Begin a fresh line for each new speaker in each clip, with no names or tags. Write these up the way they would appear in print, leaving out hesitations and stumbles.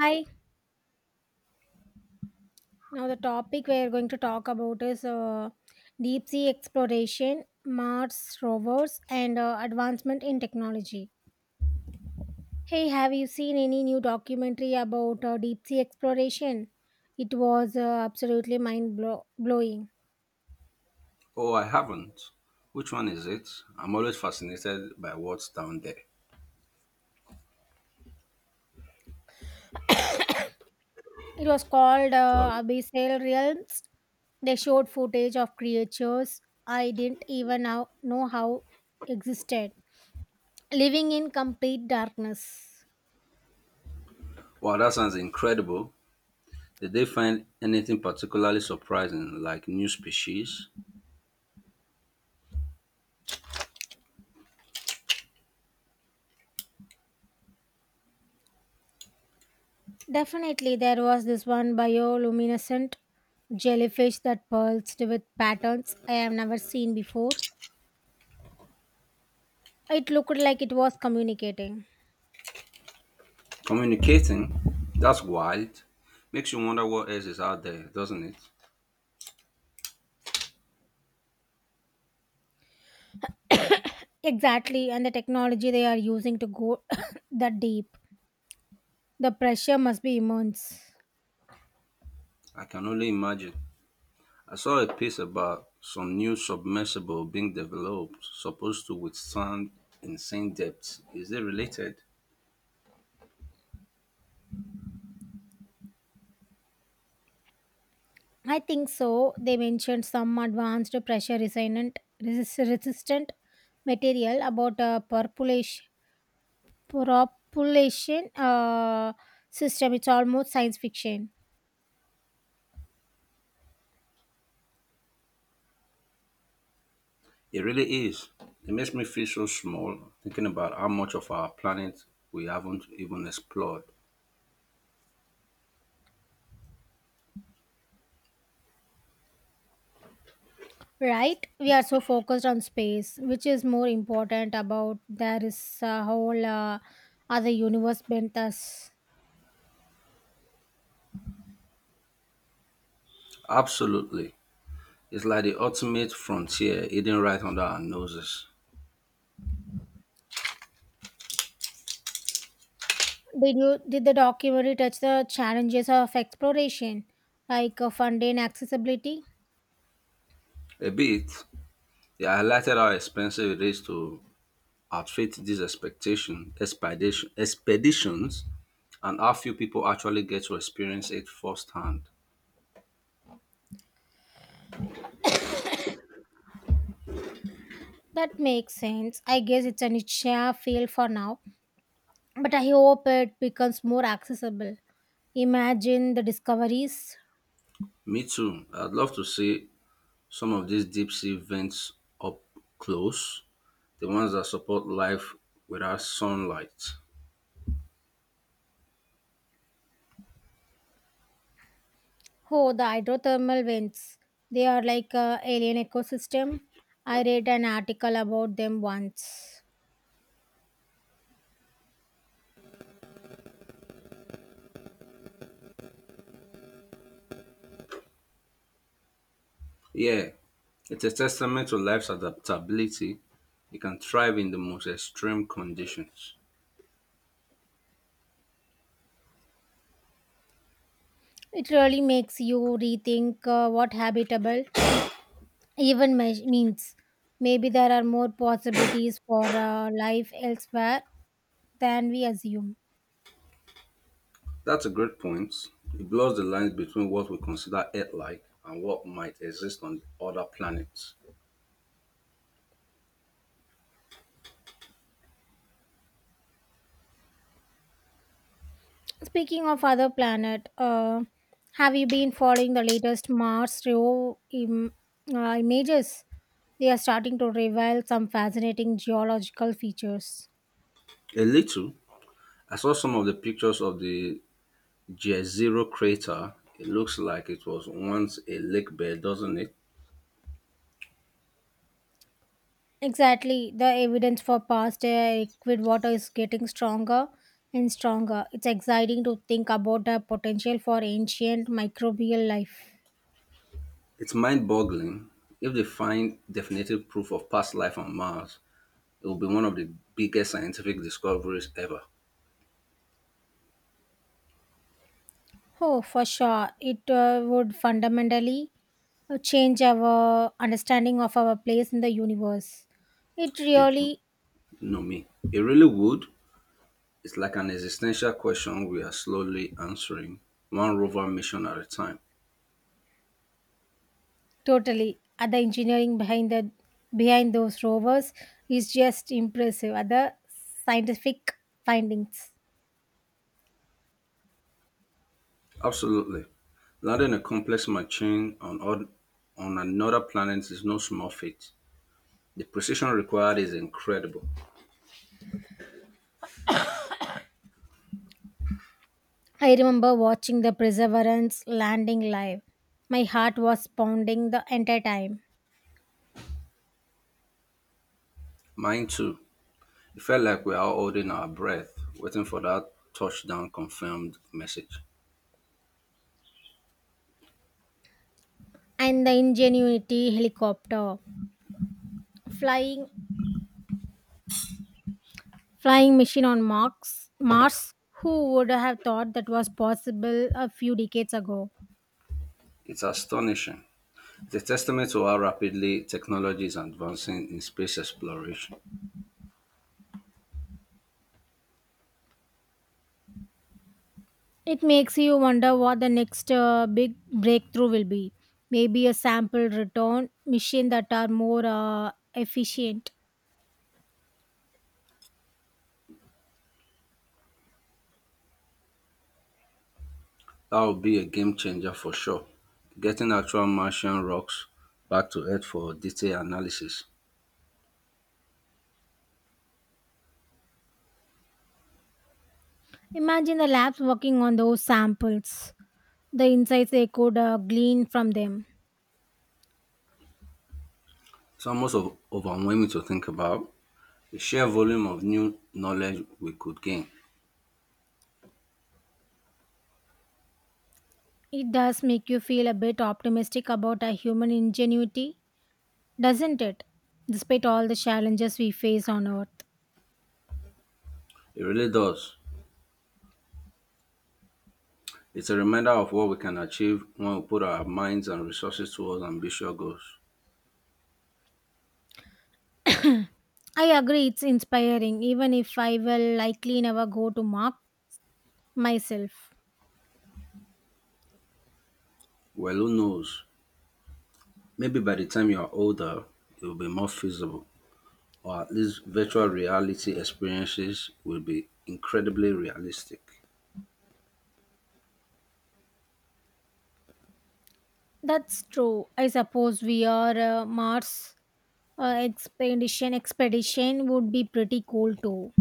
Hi. Now the topic we are going to talk about is deep sea exploration, Mars rovers, and advancement in technology. Hey, have you seen any new documentary about deep sea exploration? It was absolutely blowing.
Oh, I haven't. Which one is it? I'm always fascinated by what's down there.
It was called
Sorry.
Abyssal Realms. They showed footage of creatures I didn't even know how existed, living in complete darkness.
Wow, that sounds incredible. Did they find anything particularly surprising, like new species?
Definitely, there was this one bioluminescent jellyfish that pulsed with patterns I have never seen before. It looked like it was communicating.
Communicating? That's wild. Makes you wonder what else is out there, doesn't it?
Exactly, and the technology they are using to go that deep. The pressure must be immense.
I can only imagine. I saw a piece about some new submersible being developed, supposed to withstand insane depths. Is it related?
I think so. They mentioned some advanced resistant material about propulsion system. It's almost science fiction.
It really is. It makes me feel so small thinking about how much of our planet we haven't even explored.
Right, we are so focused on space, which is more important, about there is a whole other universe bent us.
Absolutely. It's like the ultimate frontier hidden right under our noses.
Did you did the documentary touch the challenges of exploration like funding accessibility?
A bit, they highlighted how expensive it is to outfit these expeditions and how few people actually get to experience it firsthand.
That makes sense. I guess it's a niche field for now, but I hope it becomes more accessible. Imagine the discoveries.
Me too. I'd love to see some of these deep sea vents up close, the ones that support life without sunlight.
Oh, the hydrothermal vents, they are like a alien ecosystem. I read an article about them once.
Yeah, it's a testament to life's adaptability. It can thrive in the most extreme conditions.
It really makes you rethink what habitable means. Maybe there are more possibilities for life elsewhere than we assume.
That's a great point. It blurs the lines between what we consider Earth like and what might exist on other planets.
Speaking of other planet, have you been following the latest Mars rover images? They are starting to reveal some fascinating geological features.
A little. I saw some of the pictures of the Jezero crater. It looks like it was once a lake bed, doesn't it?
Exactly. The evidence for past liquid water is getting stronger and stronger. It's exciting to think about the potential for ancient microbial life.
It's mind boggling. If they find definitive proof of past life on Mars, it will be one of the biggest scientific discoveries ever.
Oh, for sure. It would fundamentally change our understanding of our place in the universe. It
It, you
really,
know me. It really would. It's like an existential question we are slowly answering, one rover mission at a time.
totally. The engineering behind the behind those rovers is just impressive. Other scientific findings.
Absolutely. Landing a complex machine on another planet is no small feat. The precision required is incredible.
I remember watching the Perseverance landing live. My heart was pounding the entire time.
Mine too. It felt like we are all holding our breath, waiting for that touchdown confirmed message.
And the Ingenuity helicopter flying flying machine on Mars. Who would have thought that was possible a few decades ago?
It's astonishing. It's a testament to how rapidly technology is advancing in space exploration.
It makes you wonder what the next big breakthrough will be. Maybe a sample return machine that are more efficient.
That will be a game changer for sure. Getting actual Martian rocks back to Earth for detailed analysis.
Imagine the labs working on those samples, the insights they could glean from them.
It's almost overwhelming to think about the sheer volume of new knowledge we could gain.
It does make you feel a bit optimistic about our human ingenuity, doesn't it? Despite all the challenges we face on Earth.
It really does. It's a reminder of what we can achieve when we put our minds and resources towards ambitious goals.
I agree, it's inspiring, even if I will likely never go to Mars myself.
Well, who knows? Maybe by the time you are older, it will be more feasible, or at least virtual reality experiences will be incredibly realistic.
That's true. I suppose we are Mars expedition would be pretty cool too.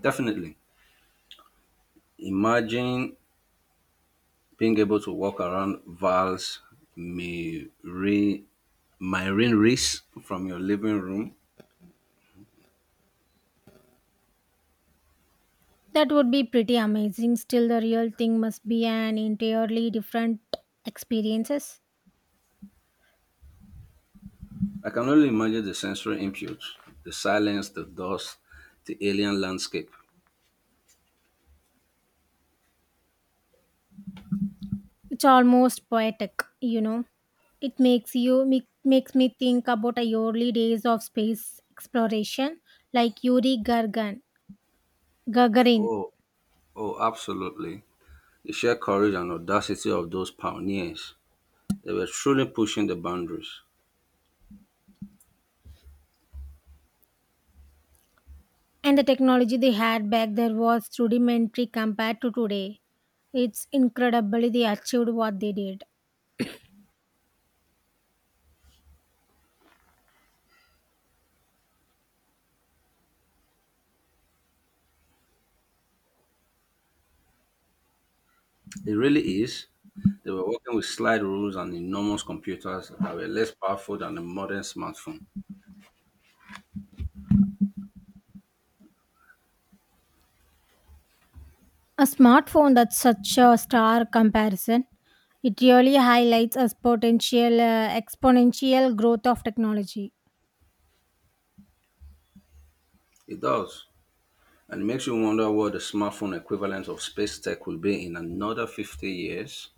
Definitely. Imagine being able to walk around Val's Miri- Myrin Reese from your living room.
That would be pretty amazing. Still, the real thing must be an entirely different experiences.
I can only imagine the sensory input, the silence, the dust, the alien landscape.
It's almost poetic, you know. It makes makes me think about the early days of space exploration, like Yuri Gagarin,
Oh, oh, absolutely. The sheer courage and audacity of those pioneers. They were truly pushing the boundaries.
and the technology they had back there was rudimentary compared to today. It's incredibly they achieved what they did.
It really is. They were working with slide rules and enormous computers that were less powerful than a modern smartphone.
A smartphone, that's such a star comparison. It really highlights a potential exponential growth of technology.
It does. And it makes you wonder what the smartphone equivalent of space tech will be in another 50 years.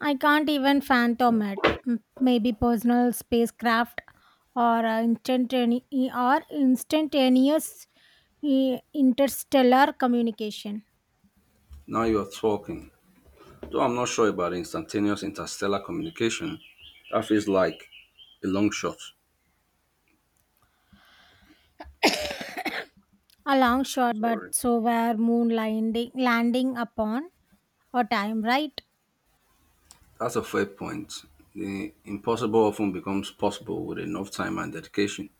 I can't even fathom it. Maybe personal spacecraft or instantaneous interstellar communication.
Now you're talking. Though I'm not sure about instantaneous interstellar communication, that feels like a long shot.
A long shot, but
Sorry.
so were moon landing upon a time, right?
That's a fair point. The impossible often becomes possible with enough time and dedication.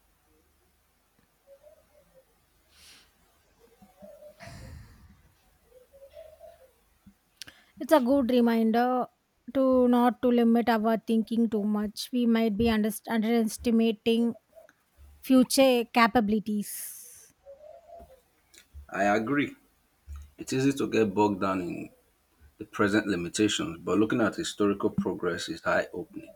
It's a good reminder to not to limit our thinking too much. We might be underestimating future capabilities.
I agree. It's easy to get bogged down in the present limitations, but looking at historical progress is eye opening.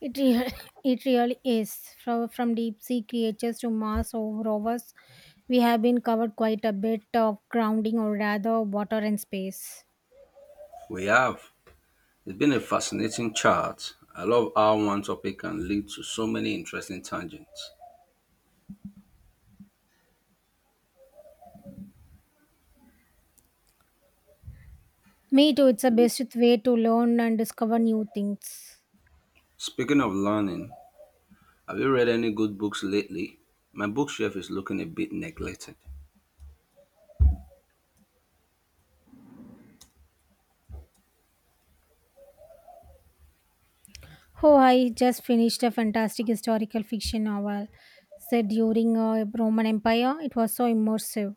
It, real, it really is. From deep sea creatures to Mars or rovers, we have been covered quite a bit of grounding, or rather water and space.
We have. It's been a fascinating chart. I love how one topic can lead to so many interesting tangents.
Me too, it's the best way to learn and discover new things.
Speaking of learning, have you read any good books lately? My bookshelf is looking a bit neglected.
Oh, I just finished a fantastic historical fiction novel set during a Roman Empire. It was so immersive.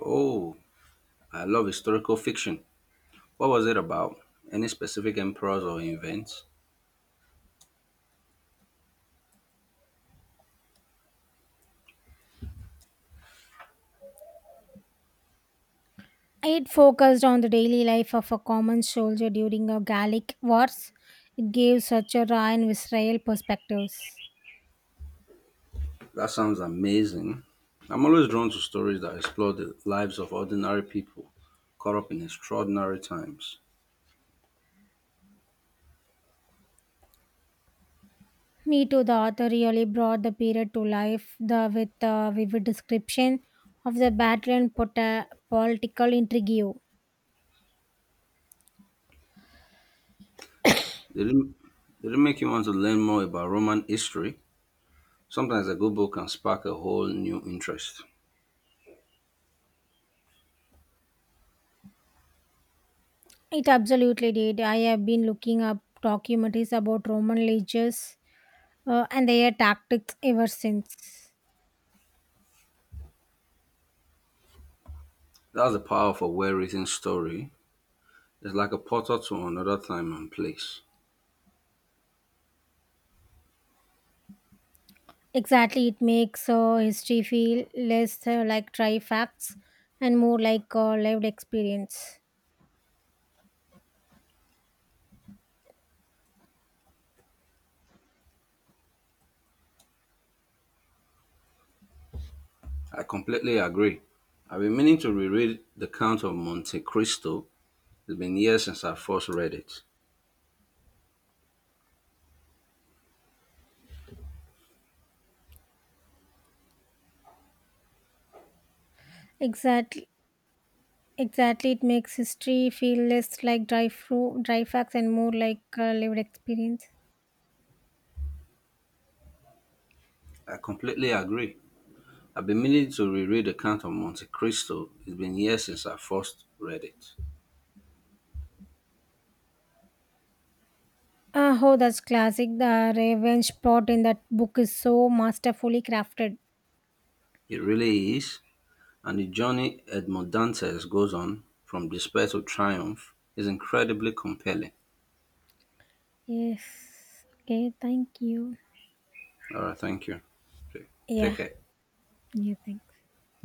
Oh, I love historical fiction. What was it about? Any specific emperors or events?
It focused on the daily life of a common soldier during a Gallic wars. It gave such a raw and visceral perspectives.
That sounds amazing. I'm always drawn to stories that explore the lives of ordinary people caught up in extraordinary times.
Me too. The author really brought the period to life with a vivid description of the battle and political intrigue.
They didn't, they didn't make you want to learn more about Roman history. Sometimes a good book can spark a whole new interest.
It absolutely did. I have been looking up documentaries about Roman legions and their tactics ever since.
That's the power of a well written story. It's like a portal to another time and place.
Exactly, it makes history feel less like dry facts and more like lived experience.
I completely agree. I've been meaning to reread The Count of Monte Cristo. It's been years since I first read it.
Exactly. Exactly, it makes history feel less like dry facts and more like a lived experience.
I completely agree. I've been meaning to reread The Count of Monte Cristo. It's been years since I first read it.
Oh, that's classic. The revenge plot in that book is so masterfully crafted.
It really is, and the journey Edmond Dantes goes on from despair to triumph is incredibly compelling.
Yes. Okay, thank you.
All right, thank you. Okay,
Yeah.
take care.
Yeah, thanks.